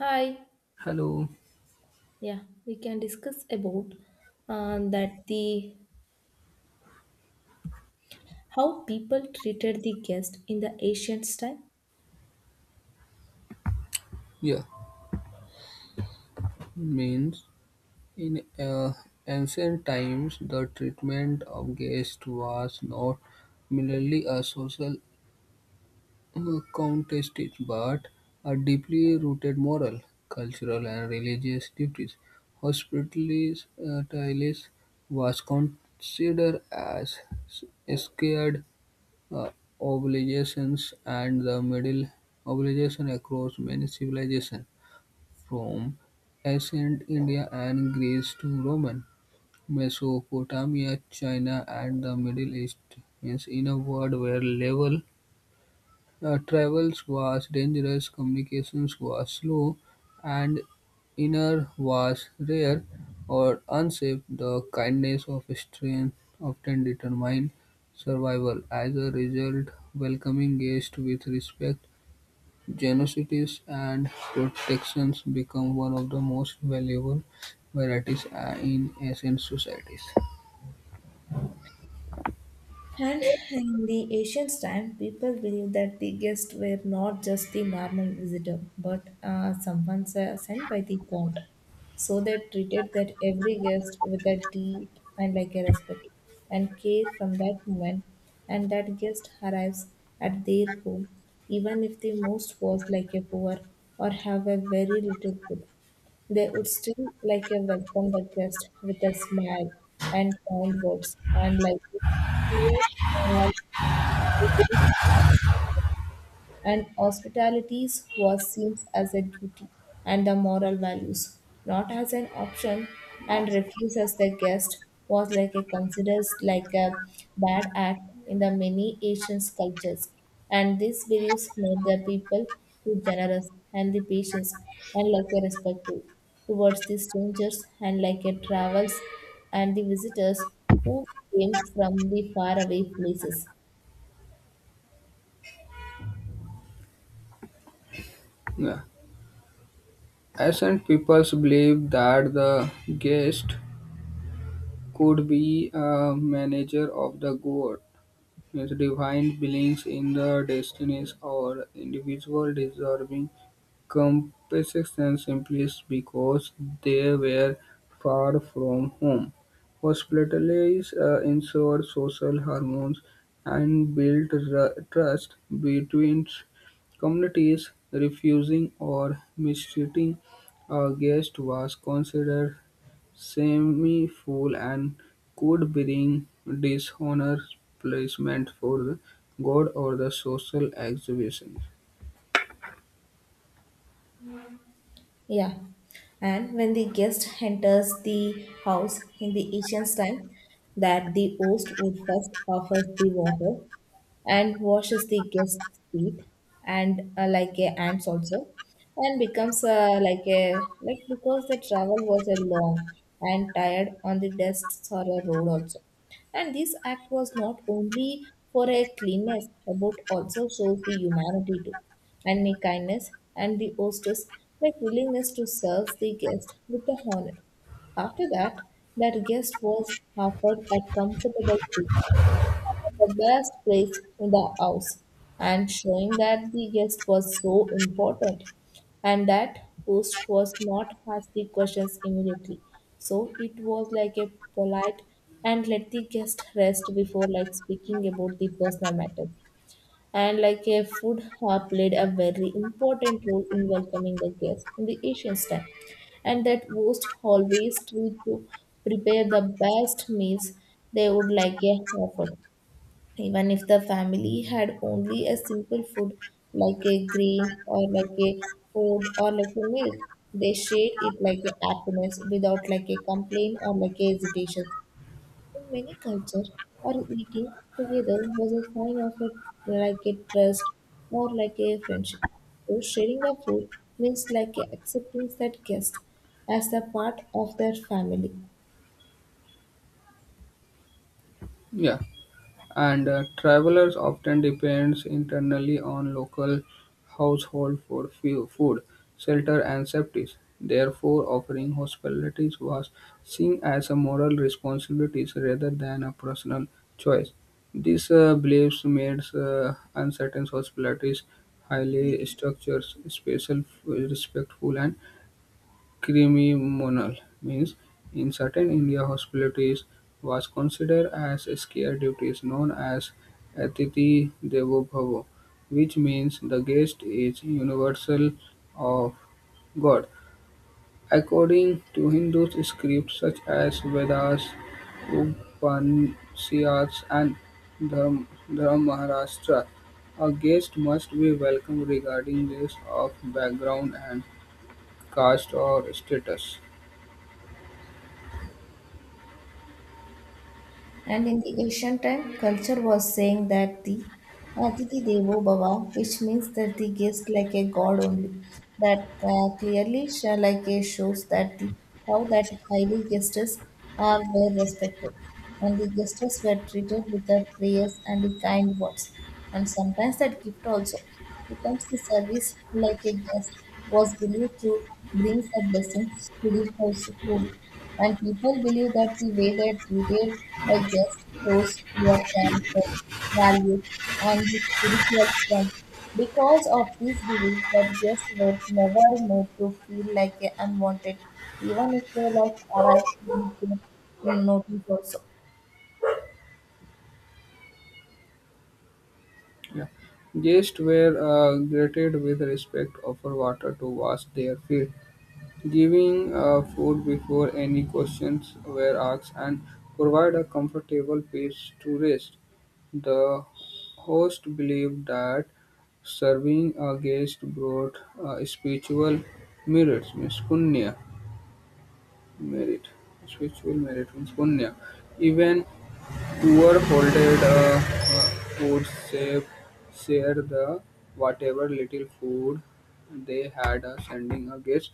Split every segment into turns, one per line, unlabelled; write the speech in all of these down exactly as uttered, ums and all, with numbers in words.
Hi.
Hello.
Yeah, we can discuss about uh, that the how people treated the guest in the ancient time.
Yeah, means in uh, ancient times, the treatment of guests was not merely a social uh, contest but a deeply rooted moral, cultural, and religious duties. Hospitality was considered as scared uh, obligations and the middle obligation across many civilizations from ancient India and Greece to Roman Mesopotamia, China, and the Middle East. Means in a world where level uh, travel was dangerous, communications was slow, and inner was rare or unsafe, the kindness of strength often determined survival. As a result, welcoming guests with respect Genocities and protections become one of the most valuable varieties uh, in ancient societies.
And in the ancient time, people believed that the guests were not just the normal visitor, but uh, someone se- sent by the god. So they treated that every guest with a deep and like a respect and care from that moment, and that guest arrives at their home, even if the most was like a poor or have a very little food. They would still like a welcome the guest with a smile and kind words and like to uh, and hospitalities was seen as a duty and the moral values, not as an option, and refuse as the guest was like a considered like a bad act in the many Asian cultures. And these beliefs made the people too generous and the patients and like a respectful towards the strangers and like a travels and the visitors who came from the faraway places.
Yeah. Ancient peoples believed that the guest could be a manager of the god, means divine beings in the destinies or individual deserving Compensation simply because they were far from home, hospitalized, uh, ensured social harmony, and built ru- trust between communities. Refusing or mistreating a guest was considered semi-fool and could bring dishonor, placement for the god, or the social exhibition.
Yeah. And when the guest enters the house in the ancient time, that the host would first offer the water and washes the guest's feet and uh, like a ants also and becomes uh, like a like because the travel was a long and tired on the dust or a road also, and this act was not only for a cleanness but also shows the humanity too and the kindness and the hostess like willingness to serve the guest with the honor. After that, that guest was offered a comfortable seat, the best place in the house, and showing that the guest was so important. And that host was not asking questions immediately, so it was like a polite and let the guest rest before like speaking about the personal matter. And like a food hub played a very important role in welcoming the guest in the ancient time, and that host always tried to prepare the best meals. They would like a offer, even if the family had only a simple food like a grain or like a food or like a milk, they shared it like a happiness without like a complaint or like a hesitation. In many cultures, or eating together was a sign of a like a trust or like a friendship. So sharing a food means like a acceptance that guest as a part of their family.
Yeah. And uh, travelers often depends internally on local household for fu- food, shelter, and safety. Therefore, offering hospitality was seen as a moral responsibility rather than a personal choice. These uh, beliefs made uh, uncertain hospitalities highly structured, special, respectful, and Criminal means in certain India hospitalities was considered as sacred duties known as "Atithi Devo Bhava", which means "the guest is universal of God". According to Hindu scripts such as Vedas, Upanishads and Dharmashastra, a guest must be welcome regarding this of background and caste or status.
And in the ancient time, culture was saying that the Aditi Devo Bhava, which means that the guest like a god only. That uh, clearly sha- like a shows that the how that highly guests are well respected, and the guests were treated with the prayers and the kind words. And sometimes that gift also becomes the service like a guest was believed to bring the blessings to the household. And people believe that the way they treated a guest shows your character, values, and the spiritual strength. Because of this belief that guests were never made to feel like a unwanted, even if they like arrived with their notice also.
Yeah. Guests were uh, greeted with respect, offered water to wash their feet, giving uh, food before any questions were asked, and provide a comfortable place to rest. The host believed that serving a guest brought uh, spiritual merits, means punya, merit, spiritual merit means punya. Even Poor folded uh, uh, would share the whatever little food they had uh, sending a guest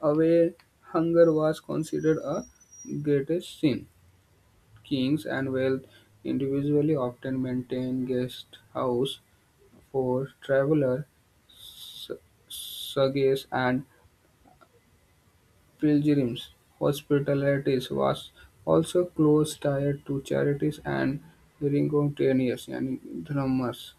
away. Hunger was considered a greatest sin. Kings and wealth individually often maintained guest house for travelers, su- sugues, and Pilgrims' hospitality was also closely tied to charities and Gregorians and Drummers.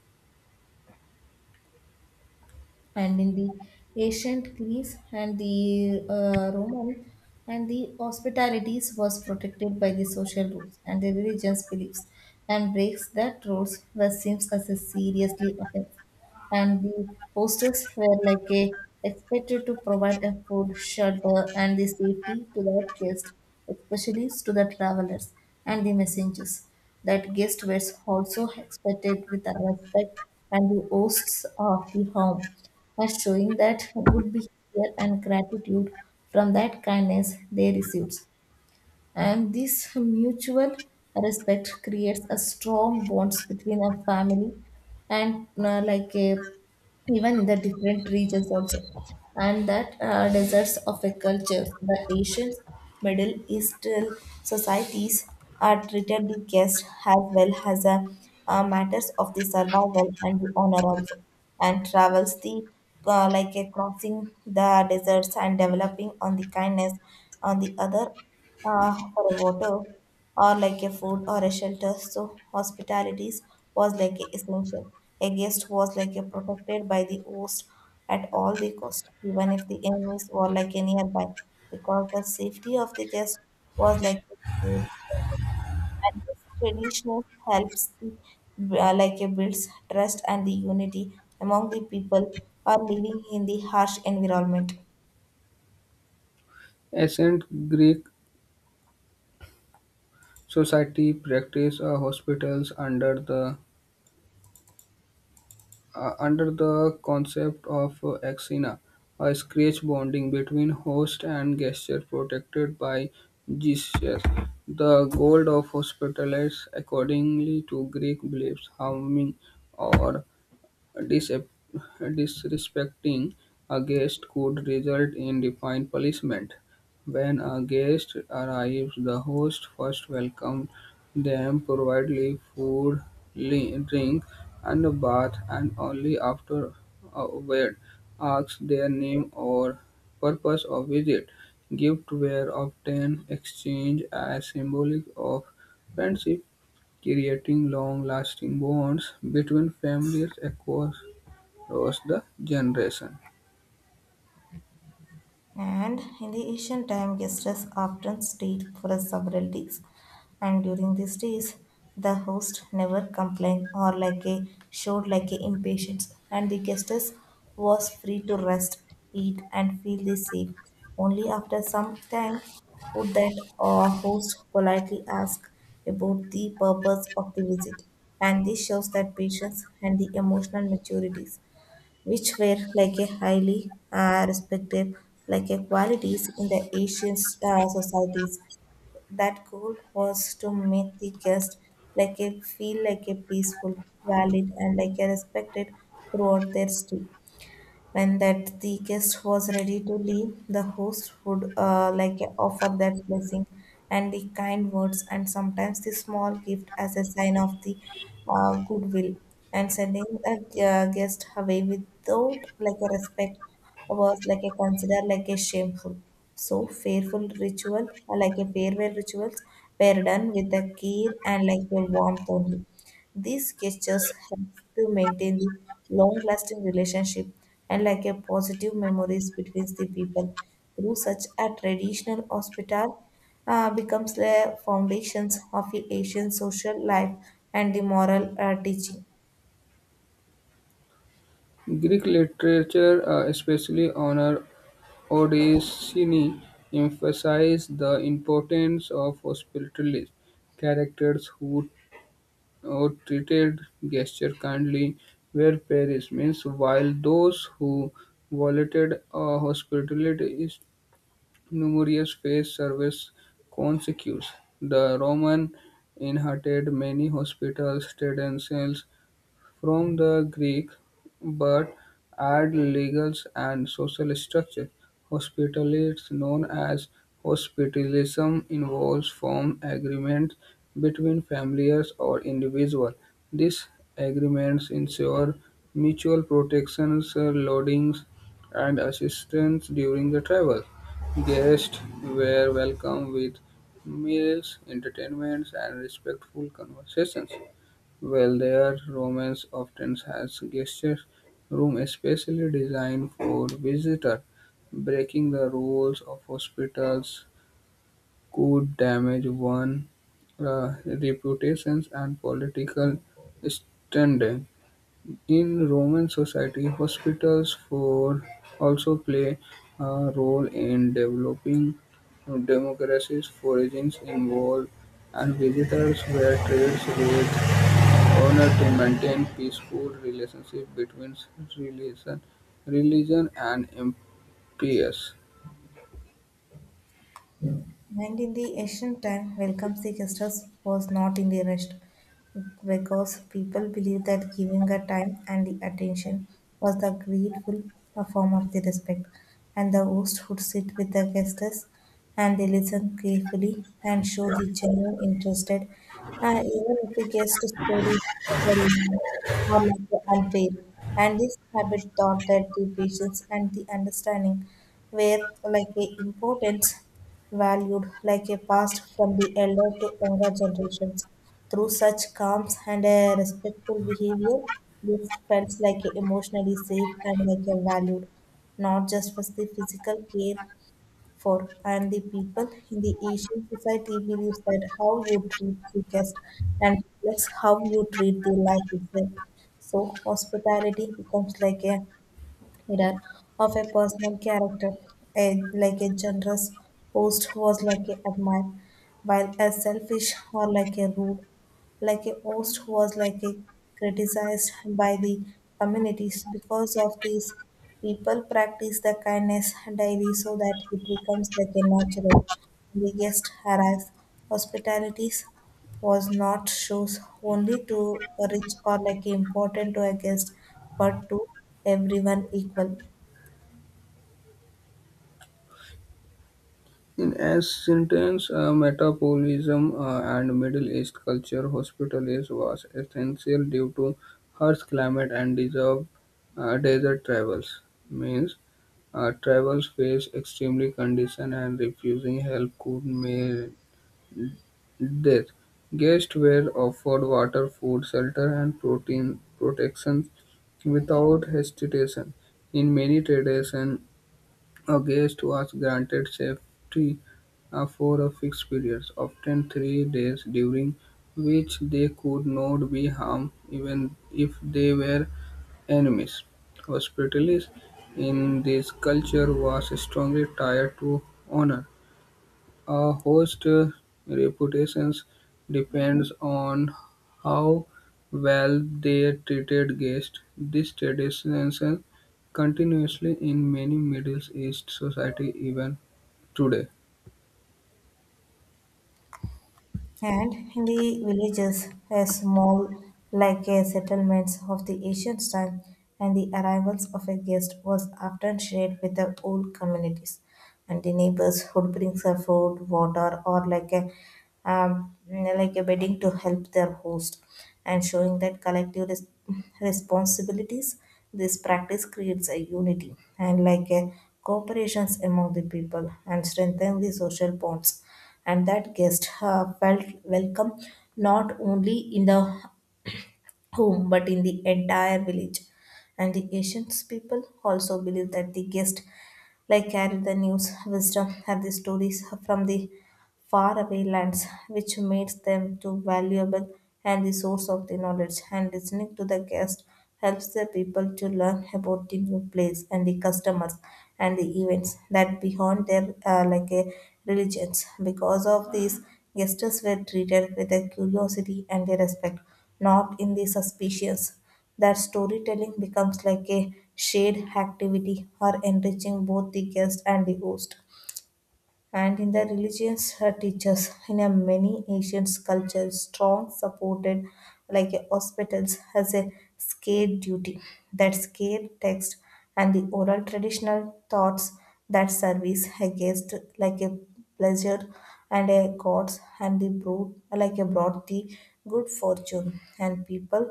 And in the ancient Greece and the uh, Roman and the hospitalities was protected by the social rules and the religion's beliefs, and breaks that rules was seems as a seriously offense. And the hostels were like a expected to provide a food, shelter, and the safety to their guests, especially to the travelers and the messengers. That guests were also expected with the respect and the hosts of the home, and showing that good behavior and gratitude from that kindness they received. And this mutual respect creates a strong bonds between a family and uh, like a even in the different regions also. And that uh, deserts of a culture, the Asian Middle Eastern societies are treated the guest as well as a uh, matters of the survival and the honor also. And travels the uh, like a crossing the deserts and developing on the kindness on the other uh, for a water or like a food or a shelter. So hospitalities was like a essential. A guest was like a protected by the host at all the cost, even if the enemies were like a nearby, because the safety of the guest was like a great problem. And this tradition helps the uh, like a builds trust and the unity among the people are living in the harsh environment.
Ancient Greek society practiced uh, hospitals under the uh, under the concept of uh, axina, a scratch bonding between host and guest protected by gesture. The goal of hospitality, accordingly to Greek beliefs, harming or Disep- disrespecting a guest could result in defined punishment. When a guest arrives, the host first welcomes them, provides food, li- drink, and a bath, and only after award asks their name or purpose of visit. Gifts were often exchanged as symbolic of friendship, creating long-lasting bonds between families across was the generation.
And in the ancient time, guests often stayed for several days. And during these days, the host never complained or like a showed like a impatience. And the guests was free to rest, eat, and feel the same. Only after some time would that uh, host politely ask about the purpose of the visit. And this shows that patience and the emotional maturities, which were like a highly uh, respected like a qualities in the Asian uh, societies. That goal was to make the guest like a feel like a peaceful, valid, and like a respected throughout their stay. When that the guest was ready to leave, the host would uh, like offer that blessing and the kind words and sometimes the small gift as a sign of the uh, goodwill, and sending a uh, guest away without like a respect was like a considered like a shameful. So fearful ritual, uh, like a farewell rituals, were done with a care and like a warmth only. These gestures help to maintain the long-lasting relationship and like a positive memories between the people through such a traditional hospital uh, becomes the foundations of the Asian social life and the moral uh, teaching.
Greek literature, uh, especially honor Odysseus, emphasized the importance of hospitality. Characters who, who treated guests kindly were parishioners, while those who violated uh, hospitality is numerous faced service consequences. The Roman inherited many hospitals, traditions, from the Greek, but add legal and social structure. Hospitality, known as hospitalism, involves form agreements between families or individuals. These agreements ensure mutual protections, uh, loadings, and assistance during the travel. Guests were welcomed with meals, entertainments, and respectful conversations. While their romance often has guest room especially designed for visitors, breaking the rules of hospitals could damage one's reputations and political standing. In Roman society, hospitals for also play a role in developing democracies. Foragings involved and visitors were treated with Honor to maintain peaceful relationship between religion, religion and empires.
And in the ancient time, welcome the guest house was not in the rest, because people believed that giving a time and the attention was the grateful form of the respect. And the host would sit with the guests and they listen carefully and show the genuine interested, uh, even if the guest story or like the unfair. And this habit taught that the patience and the understanding were like a importance valued, like a passed from the elder to younger generations. Through such calm and a respectful behavior, this felt like a emotionally safe and like a valued, not just for the physical care for. And the people in the Asian society believes that how you treat the guest and reflects how you treat the life itself. So hospitality becomes like a mirror of a personal character. A, like a generous host was like a admirer, while a selfish or like a rude like a host who was like a criticized by the communities. Because of this, people practice the kindness daily so that it becomes like a natural the guest arrives. Hospitalities was not shows only to rich or like important to a guest, but to everyone equal.
In ancient times, uh, metabolism uh, and Middle East culture, hospital is was essential due to harsh climate and deserved uh, desert travels. Means uh, travels face extremely condition and refusing help could mean death. Guests were offered water, food, shelter, and protein protection Without hesitation, in many traditions, a guest was granted safety uh, for a fixed period, often three days, during which they could not be harmed even if they were enemies. Hospitality in this culture was strongly tied to honor. A host's reputations depends on how well they treated guests. This tradition continues in many Middle East society even today.
And in the villages, as small like a settlements of the ancient time, and the arrivals of a guest was often shared with the old communities, and the neighbors would bring some food, water, or like a um, like a bedding to help their host, and showing that collective res- responsibilities. This practice creates a unity and like a cooperations among the people and strengthen the social bonds, and that guest uh, felt welcome not only in the home but in the entire village. And the ancient people also believed that the guest like carried the news, wisdom, and the stories from the faraway lands, which makes them too valuable and the source of the knowledge. And listening to the guest helps the people to learn about the new place and the customers and the events that beyond their uh, like a religions. Because of these, guests were treated with a curiosity and a respect, not in the suspicions that storytelling becomes like a shared activity or enriching both the guest and the host, and in the religions her teachers in a many ancient cultures strong supported like a hospitals has a scared duty that scared text and the oral traditional thoughts that service against like a pleasure and a gods and the brood like a brought the good fortune and people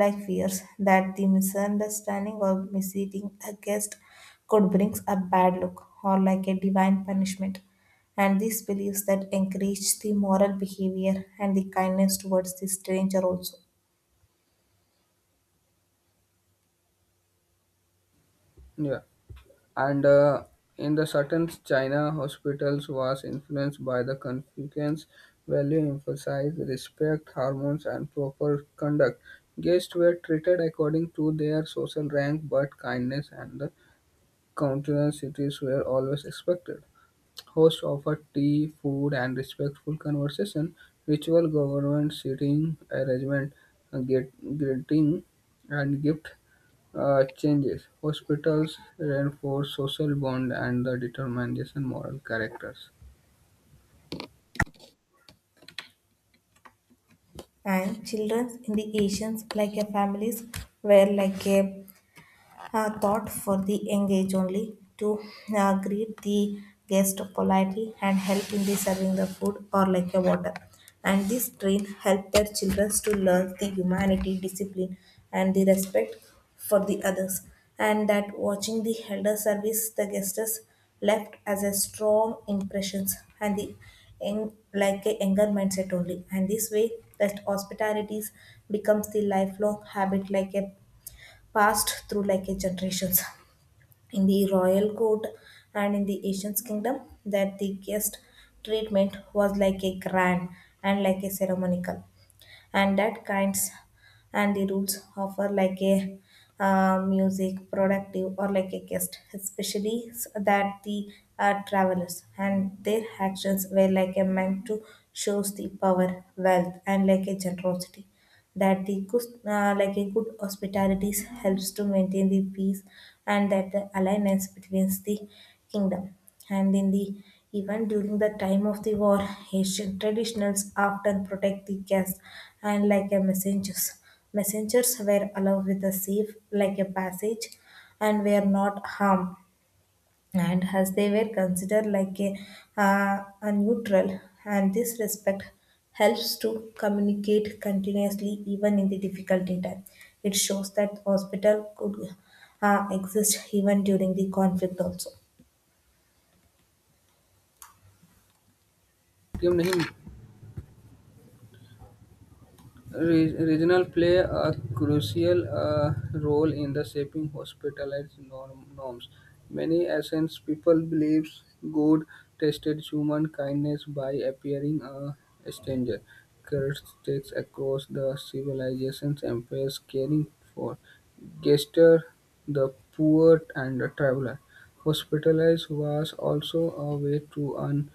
like fears that the misunderstanding or misleading a guest could bring a bad luck or like a divine punishment, and these beliefs that encourage the moral behavior and the kindness towards the stranger also.
Yeah, and uh, in the certain China, hospitals was influenced by the Confucian value, emphasized respect, hormones, and proper conduct. Guests were treated according to their social rank, but kindness and Countier cities were always expected. Hosts offered tea, food, and respectful conversation. Ritual government seating arrangement, uh, get, greeting, and gift uh, changes. Hospitals reinforce social bond and the determination moral characters.
And children in the asians like a families were like a uh, thought for the engaged only to uh, greet the guest politely and help in the serving the food or like a water, and this train helped their children to learn the humanity discipline and the respect for the others. And that watching the elder service the guests left as a strong impressions and the young- like a anger mindset only, and this way that hospitalities becomes the lifelong habit like a passed through like a generations. In the royal court and in the Asian's kingdom, that the guest treatment was like a grand and like a ceremonial, and that kinds and the rules offer like a uh, music productive or like a guest especially s- that the uh, travelers, and their actions were like a meant to shows the power wealth and like a generosity, that the good, uh, like a good hospitality helps to maintain the peace and that the alliance between the kingdom. And in the Even during the time of the war, Asian traditionals often protect the guests and like a messengers. Messengers were allowed with a safe, like a passage, and were not harmed, and as they were considered like a, uh, a neutral, and this respect helps to communicate continuously even in the difficulty time. It shows that hospital could uh, exist even during the conflict also.
Team नहीं Re- regional play a crucial uh, role in the shaping hospitalized norm- norms. Many ancient people believed God tested human kindness by appearing a stranger. Curse takes across the civilizations empires caring for Gester, the poor, and the traveler. Hospitalized was also a way to earn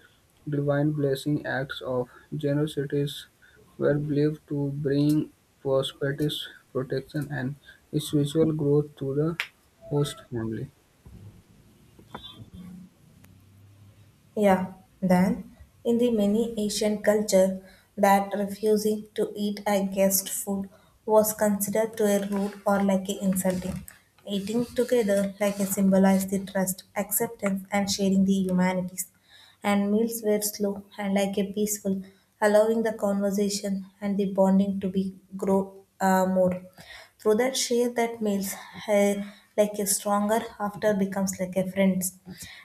divine blessing acts of generosity were believed to bring prosperity, protection, and spiritual growth to the host family.
Yeah, then in the many Asian culture, that refusing to eat a guest food was considered to a rude or like a insulting. Eating together like a symbolized the trust, acceptance and sharing the humanities. And meals were slow and like a peaceful, allowing the conversation and the bonding to be grow uh, more through that share that meals, uh, like a stronger after becomes like a friends.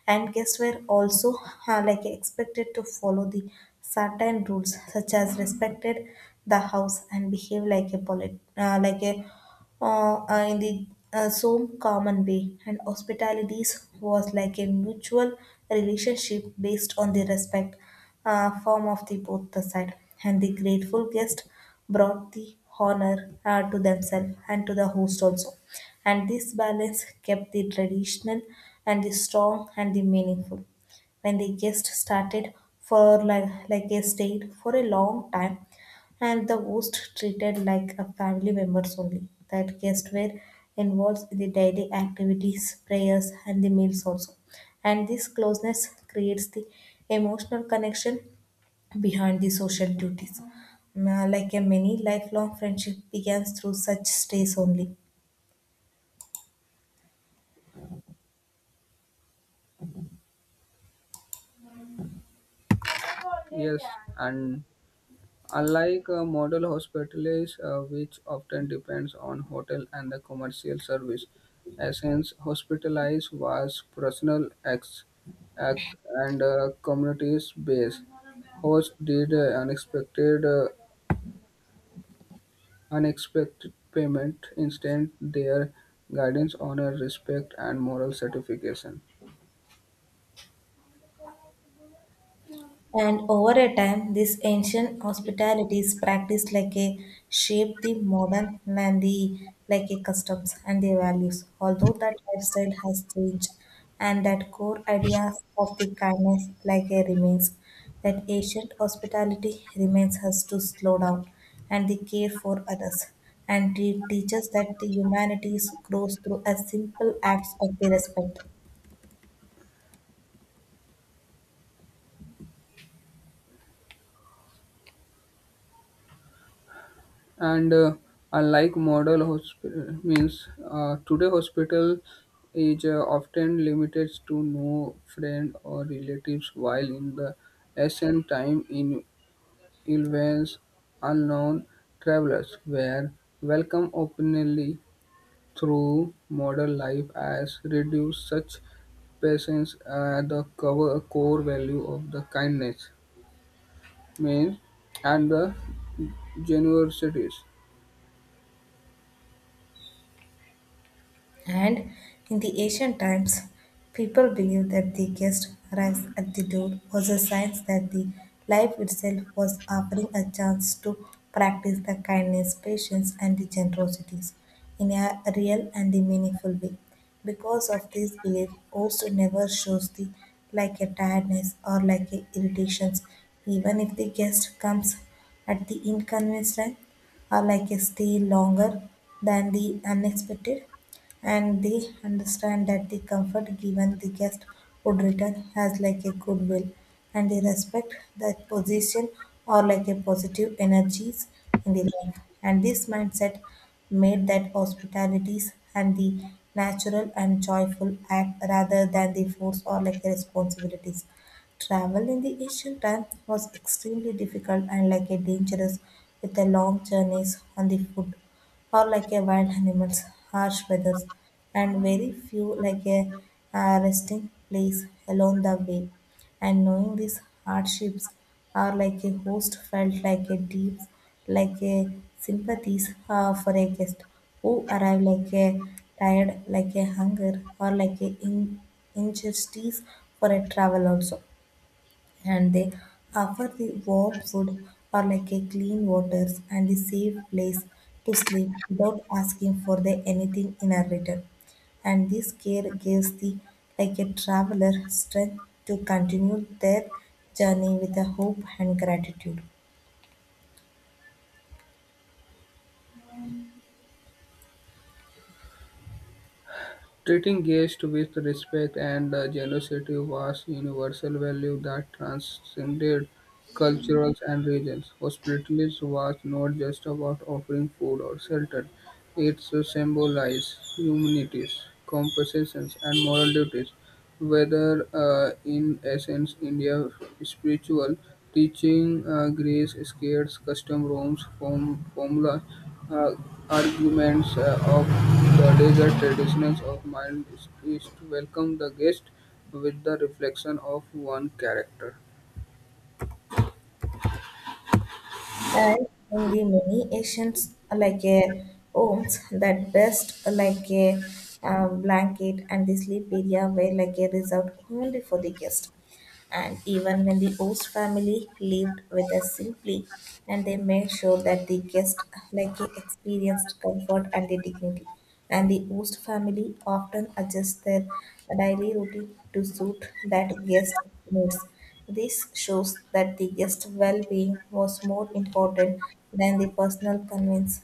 And guests were also uh, like expected to follow the certain rules such as respected the house and behave like a polit- uh, like a uh, uh, in the uh, so common way, and hospitalities was like a mutual relationship based on the respect uh, form of the both the side, and the grateful guest brought the honor uh, to themselves and to the host also, and this balance kept the traditional and the strong and the meaningful. When the guest started for like, like a stayed for a long time, and the host treated like a family members only, that guests were involved in the daily activities prayers and the meals also, and this closeness creates the emotional connection behind the social duties. Ma- Like a many lifelong friendship begins through such stays only.
Yes, and unlike uh, model hospitals, uh, which often depends on hotel and the commercial service, Essence Hospitalized was personal ex, act and uh, communities based. Host did uh, unexpected uh, Unexpected payment instead their guidance honors respect and moral certification.
And over a time, this ancient hospitality is practiced like a shape the modern and the like a customs and the values. Although that lifestyle has changed, and that core ideas of the kindness like a remains, that ancient hospitality remains us to slow down and the care for others, and it teaches that the humanities grows through a simple acts of the respect.
And uh, unlike model hospital means uh, today hospital is uh, often limited to no friend or relatives, while in the ancient time in events unknown travelers were welcome openly Through modern life has reduced such patience passions, the cover core value of the kindness, means, and the generosity.
And in the ancient times, people believed that the guest arrives at the door was a sign that the life itself was offering a chance to practice the kindness, patience, and the generosities in a real and the meaningful way. Because of this belief, also never shows the like a tiredness or like a irritations, even if the guest comes at the inconvenience time or like a stay longer than the unexpected, and they understand that the comfort given the guest would return has like a goodwill, and they respect that position or like a positive energies in the life, and this mindset made that hospitalities and the natural and joyful act rather than the force or like a responsibilities. Travel in the ancient time was extremely difficult and like a dangerous, with a long journeys on the foot or like a wild animals, harsh weathers and very few like a uh, resting place along the way. And knowing these hardships are like a host felt like a deep like a sympathies uh, for a guest who arrive like a tired like a hunger or like a in injustice for a travel also, and they offer the warm food or like a clean waters and the safe place to sleep without asking for the anything in a return. And this care gives the like a traveler strength to continue their journey with a hope and gratitude.
Treating guests with respect and uh, generosity was universal value that transcended cultures and regions. Hospitality was not just about offering food or shelter; it symbolized humanities, compassion, and moral duties. Whether uh, in essence, India, spiritual teaching, uh, Greece, skates, custom rooms, form, formula, uh, arguments uh, of the desert traditions of mind is, is to welcome the guest with the reflection of one character.
And in the many Asians uh, like a homes, that best uh, like a uh, blanket and the sleep area were like a resort only for the guest. And even when the host family lived with us simply, and they made sure that the guest like experienced comfort and the dignity. And the host family often adjusts their daily routine to suit that guest needs. This shows that the guest well-being was more important than the personal convenience.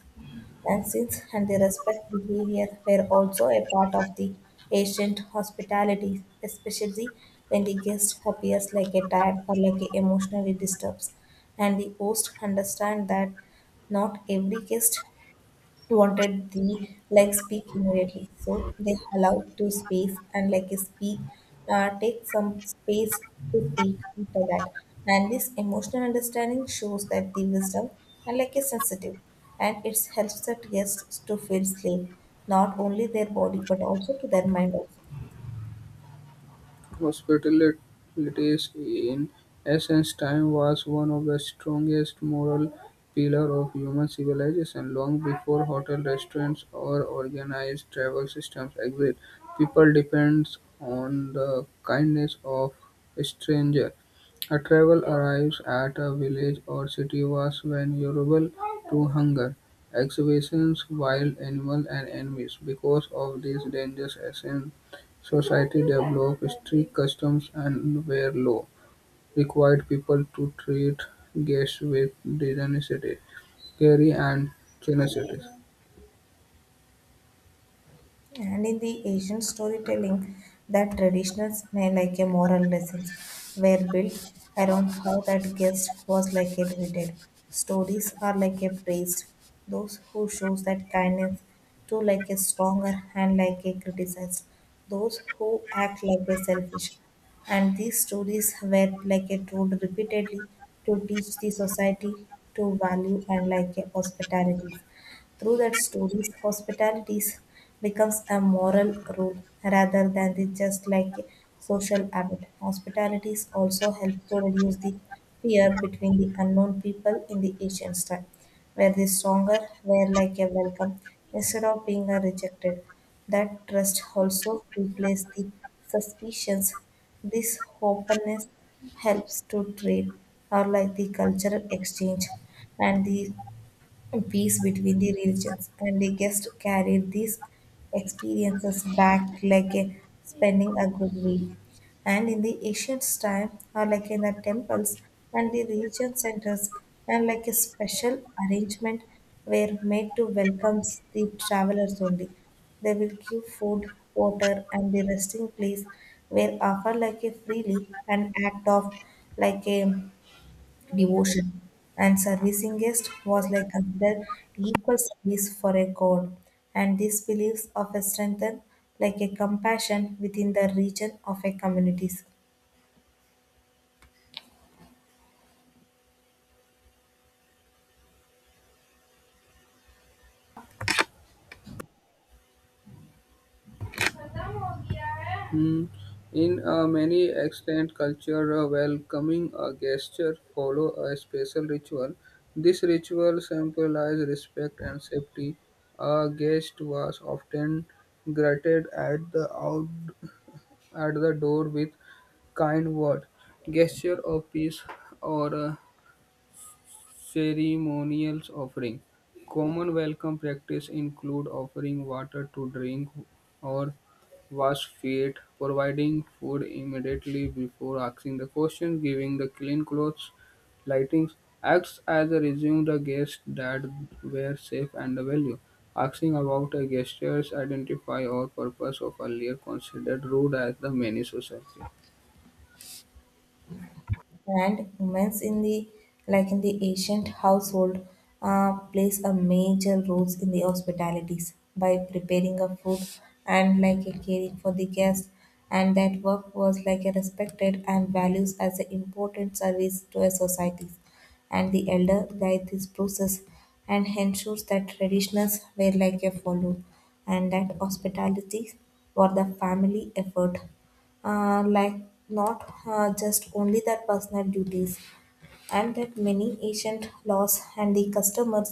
Dances and the respect behavior were also a part of the ancient hospitality, especially when the guest appears like a tired or like a emotionally disturbed, and the host understand that not every guest wanted the like speak immediately. So they allowed to space and like speak, uh, take some space to speak after that. And this emotional understanding shows that the wisdom and like is sensitive, and it helps the guests to feel safe, not only their body but also to their mind also.
Hospitalities in Athens' time was one of the strongest moral pillars of human civilization. Long before hotel restaurants or organized travel systems existed, people depends on the kindness of stranger. A travel arrives at a village or city was vulnerable to hunger, exhibitions, wild animals, and enemies. Because of these dangers, Athens Society developed strict customs and where law required people to treat guests with dignity, care and generosity.
And in the Asian storytelling, that traditional smell like a moral lessons were built around how that guest was like a treated. Stories are like a praised. Those who shows that kindness to like a stronger and like a criticized. Those who act like a selfish. And these stories were like a told repeatedly to teach the society to value and like a hospitality. Through that stories, hospitality becomes a moral rule rather than the just like a social habit. Hospitalities also help to reduce the fear between the unknown people in the ancient time, where the stronger were like a welcome instead of being a rejected. That trust also replaced the suspicions. This openness helps to trade or like the cultural exchange and the peace between the religions, and the guests carried these experiences back like a, spending a good meal. And in the ancient time, or like in the temples and the religion centers, and like a special arrangement were made to welcome the travelers only. They will give food, water, and the resting place were offered like a freely an act of like a devotion, and servicing guest was like considered equal service for a god, and these beliefs of a strengthen like a compassion within the region of a communities.
Hmm. In uh, many extant cultures, welcoming a guest follow a special ritual. This ritual symbolized respect and safety. A guest was often greeted at the out- at the door with kind word, gesture of peace, or a ceremonial offering. Common welcome practice include offering water to drink or wash feet, providing food immediately before asking the question, giving the clean clothes, lightings, acts as a resume the guests that were safe and the value. Asking about a gesture's identify or purpose of earlier considered rude as the many society.
And women's in the like in the ancient household uh, plays a major role in the hospitalities by preparing a food and like a caring for the guests, and that work was like a respected and values as an important service to a society, and the elder guide this process and ensures that traditions were like a follow, and that hospitality for the family effort uh, like not uh, just only their personal duties. And that many ancient laws and the customers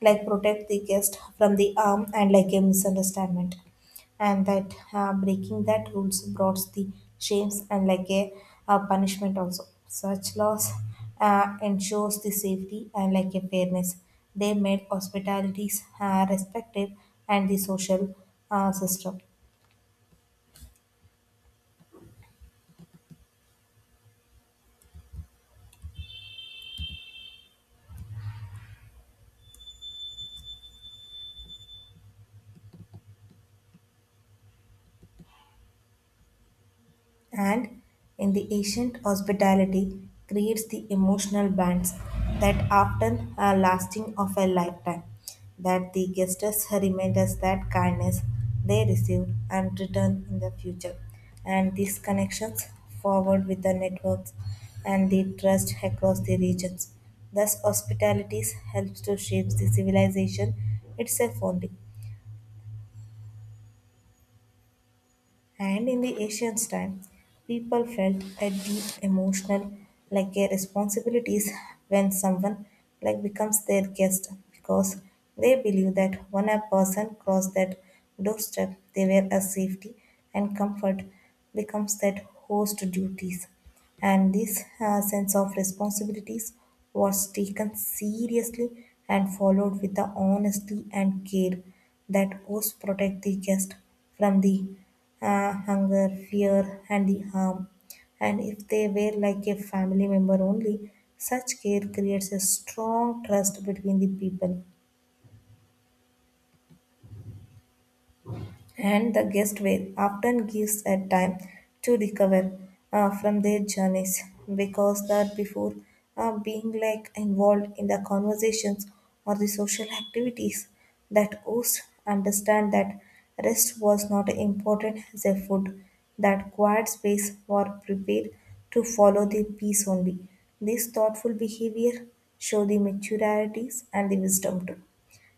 like protect the guest from the harm and like a misunderstanding, and that uh, breaking that rules brought the shames and like a, uh punishment also. Such laws uh, ensures the safety and like a fairness, they made hospitalities uh, respective and the social uh, system. And in the ancient hospitality creates the emotional bonds that often are lasting of a lifetime, that the guests remind us that kindness they received and return in the future, and these connections forward with the networks and the trust across the regions, thus hospitality helps to shape the civilization itself only. And in the ancient time, people felt a deep emotional like a responsibilities when someone like becomes their guest, because they believe that when a person crossed that doorstep, they were a safety and comfort becomes that host duties. And this uh, sense of responsibilities was taken seriously and followed with the honesty and care, that hosts protect the guest from the uh, hunger, fear, and the harm. And if they were like a family member only, such care creates a strong trust between the people. And the guest will often gives a time to recover uh, from their journeys, because that before uh, being like involved in the conversations or the social activities, that host understand that rest was not important as a food, that quiet space were prepared to follow the peace only. This thoughtful behavior show the maturities and the wisdom too.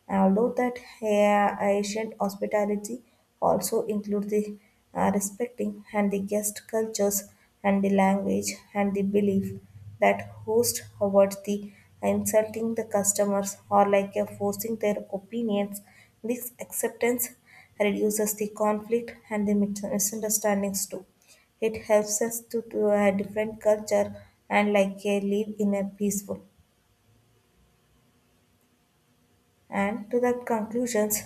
And although that uh, ancient hospitality also includes the uh, respecting and the guest cultures and the language and the belief, that host avoids the insulting the customers or like uh, forcing their opinions. This acceptance reduces the conflict and the mis- misunderstandings too. It helps us to, to a different culture and like uh, live in a peaceful. And to the conclusions,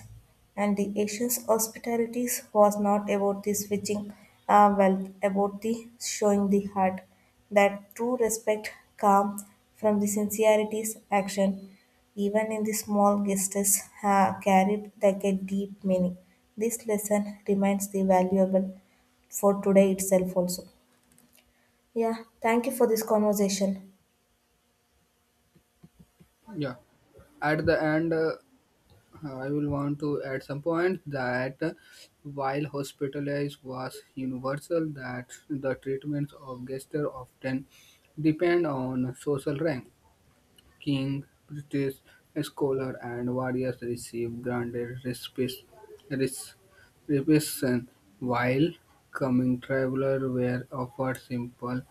and the Asian's hospitalities was not about the switching uh, wealth, about the showing the heart, that true respect comes from the sincerity's action, even in the small gestures uh, carried like a deep meaning. This lesson remains the valuable for today itself also. Yeah, thank you for this conversation.
Yeah, at the end, uh, I will want to add some point that uh, while hospitalized was universal, that the treatments of gestures often depend on social rank king, British scholar, and warriors received granted respect, res- reception, while coming travelers were offered simple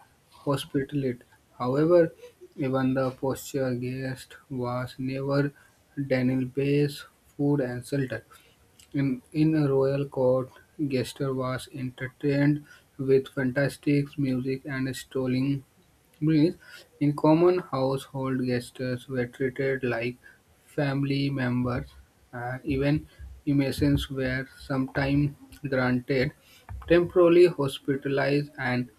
hospitality. However, even the posture guest was never denied base, food, and shelter. In, in a royal court, guest was entertained with fantastic music and strolling Means in common household guests were treated like family members, and even inmates were sometimes granted Temporarily hospitalized, and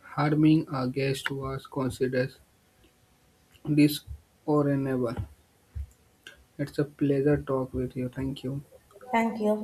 harming a guest was considered dishonorable. It's a pleasure talk with you. Thank you.
Thank you.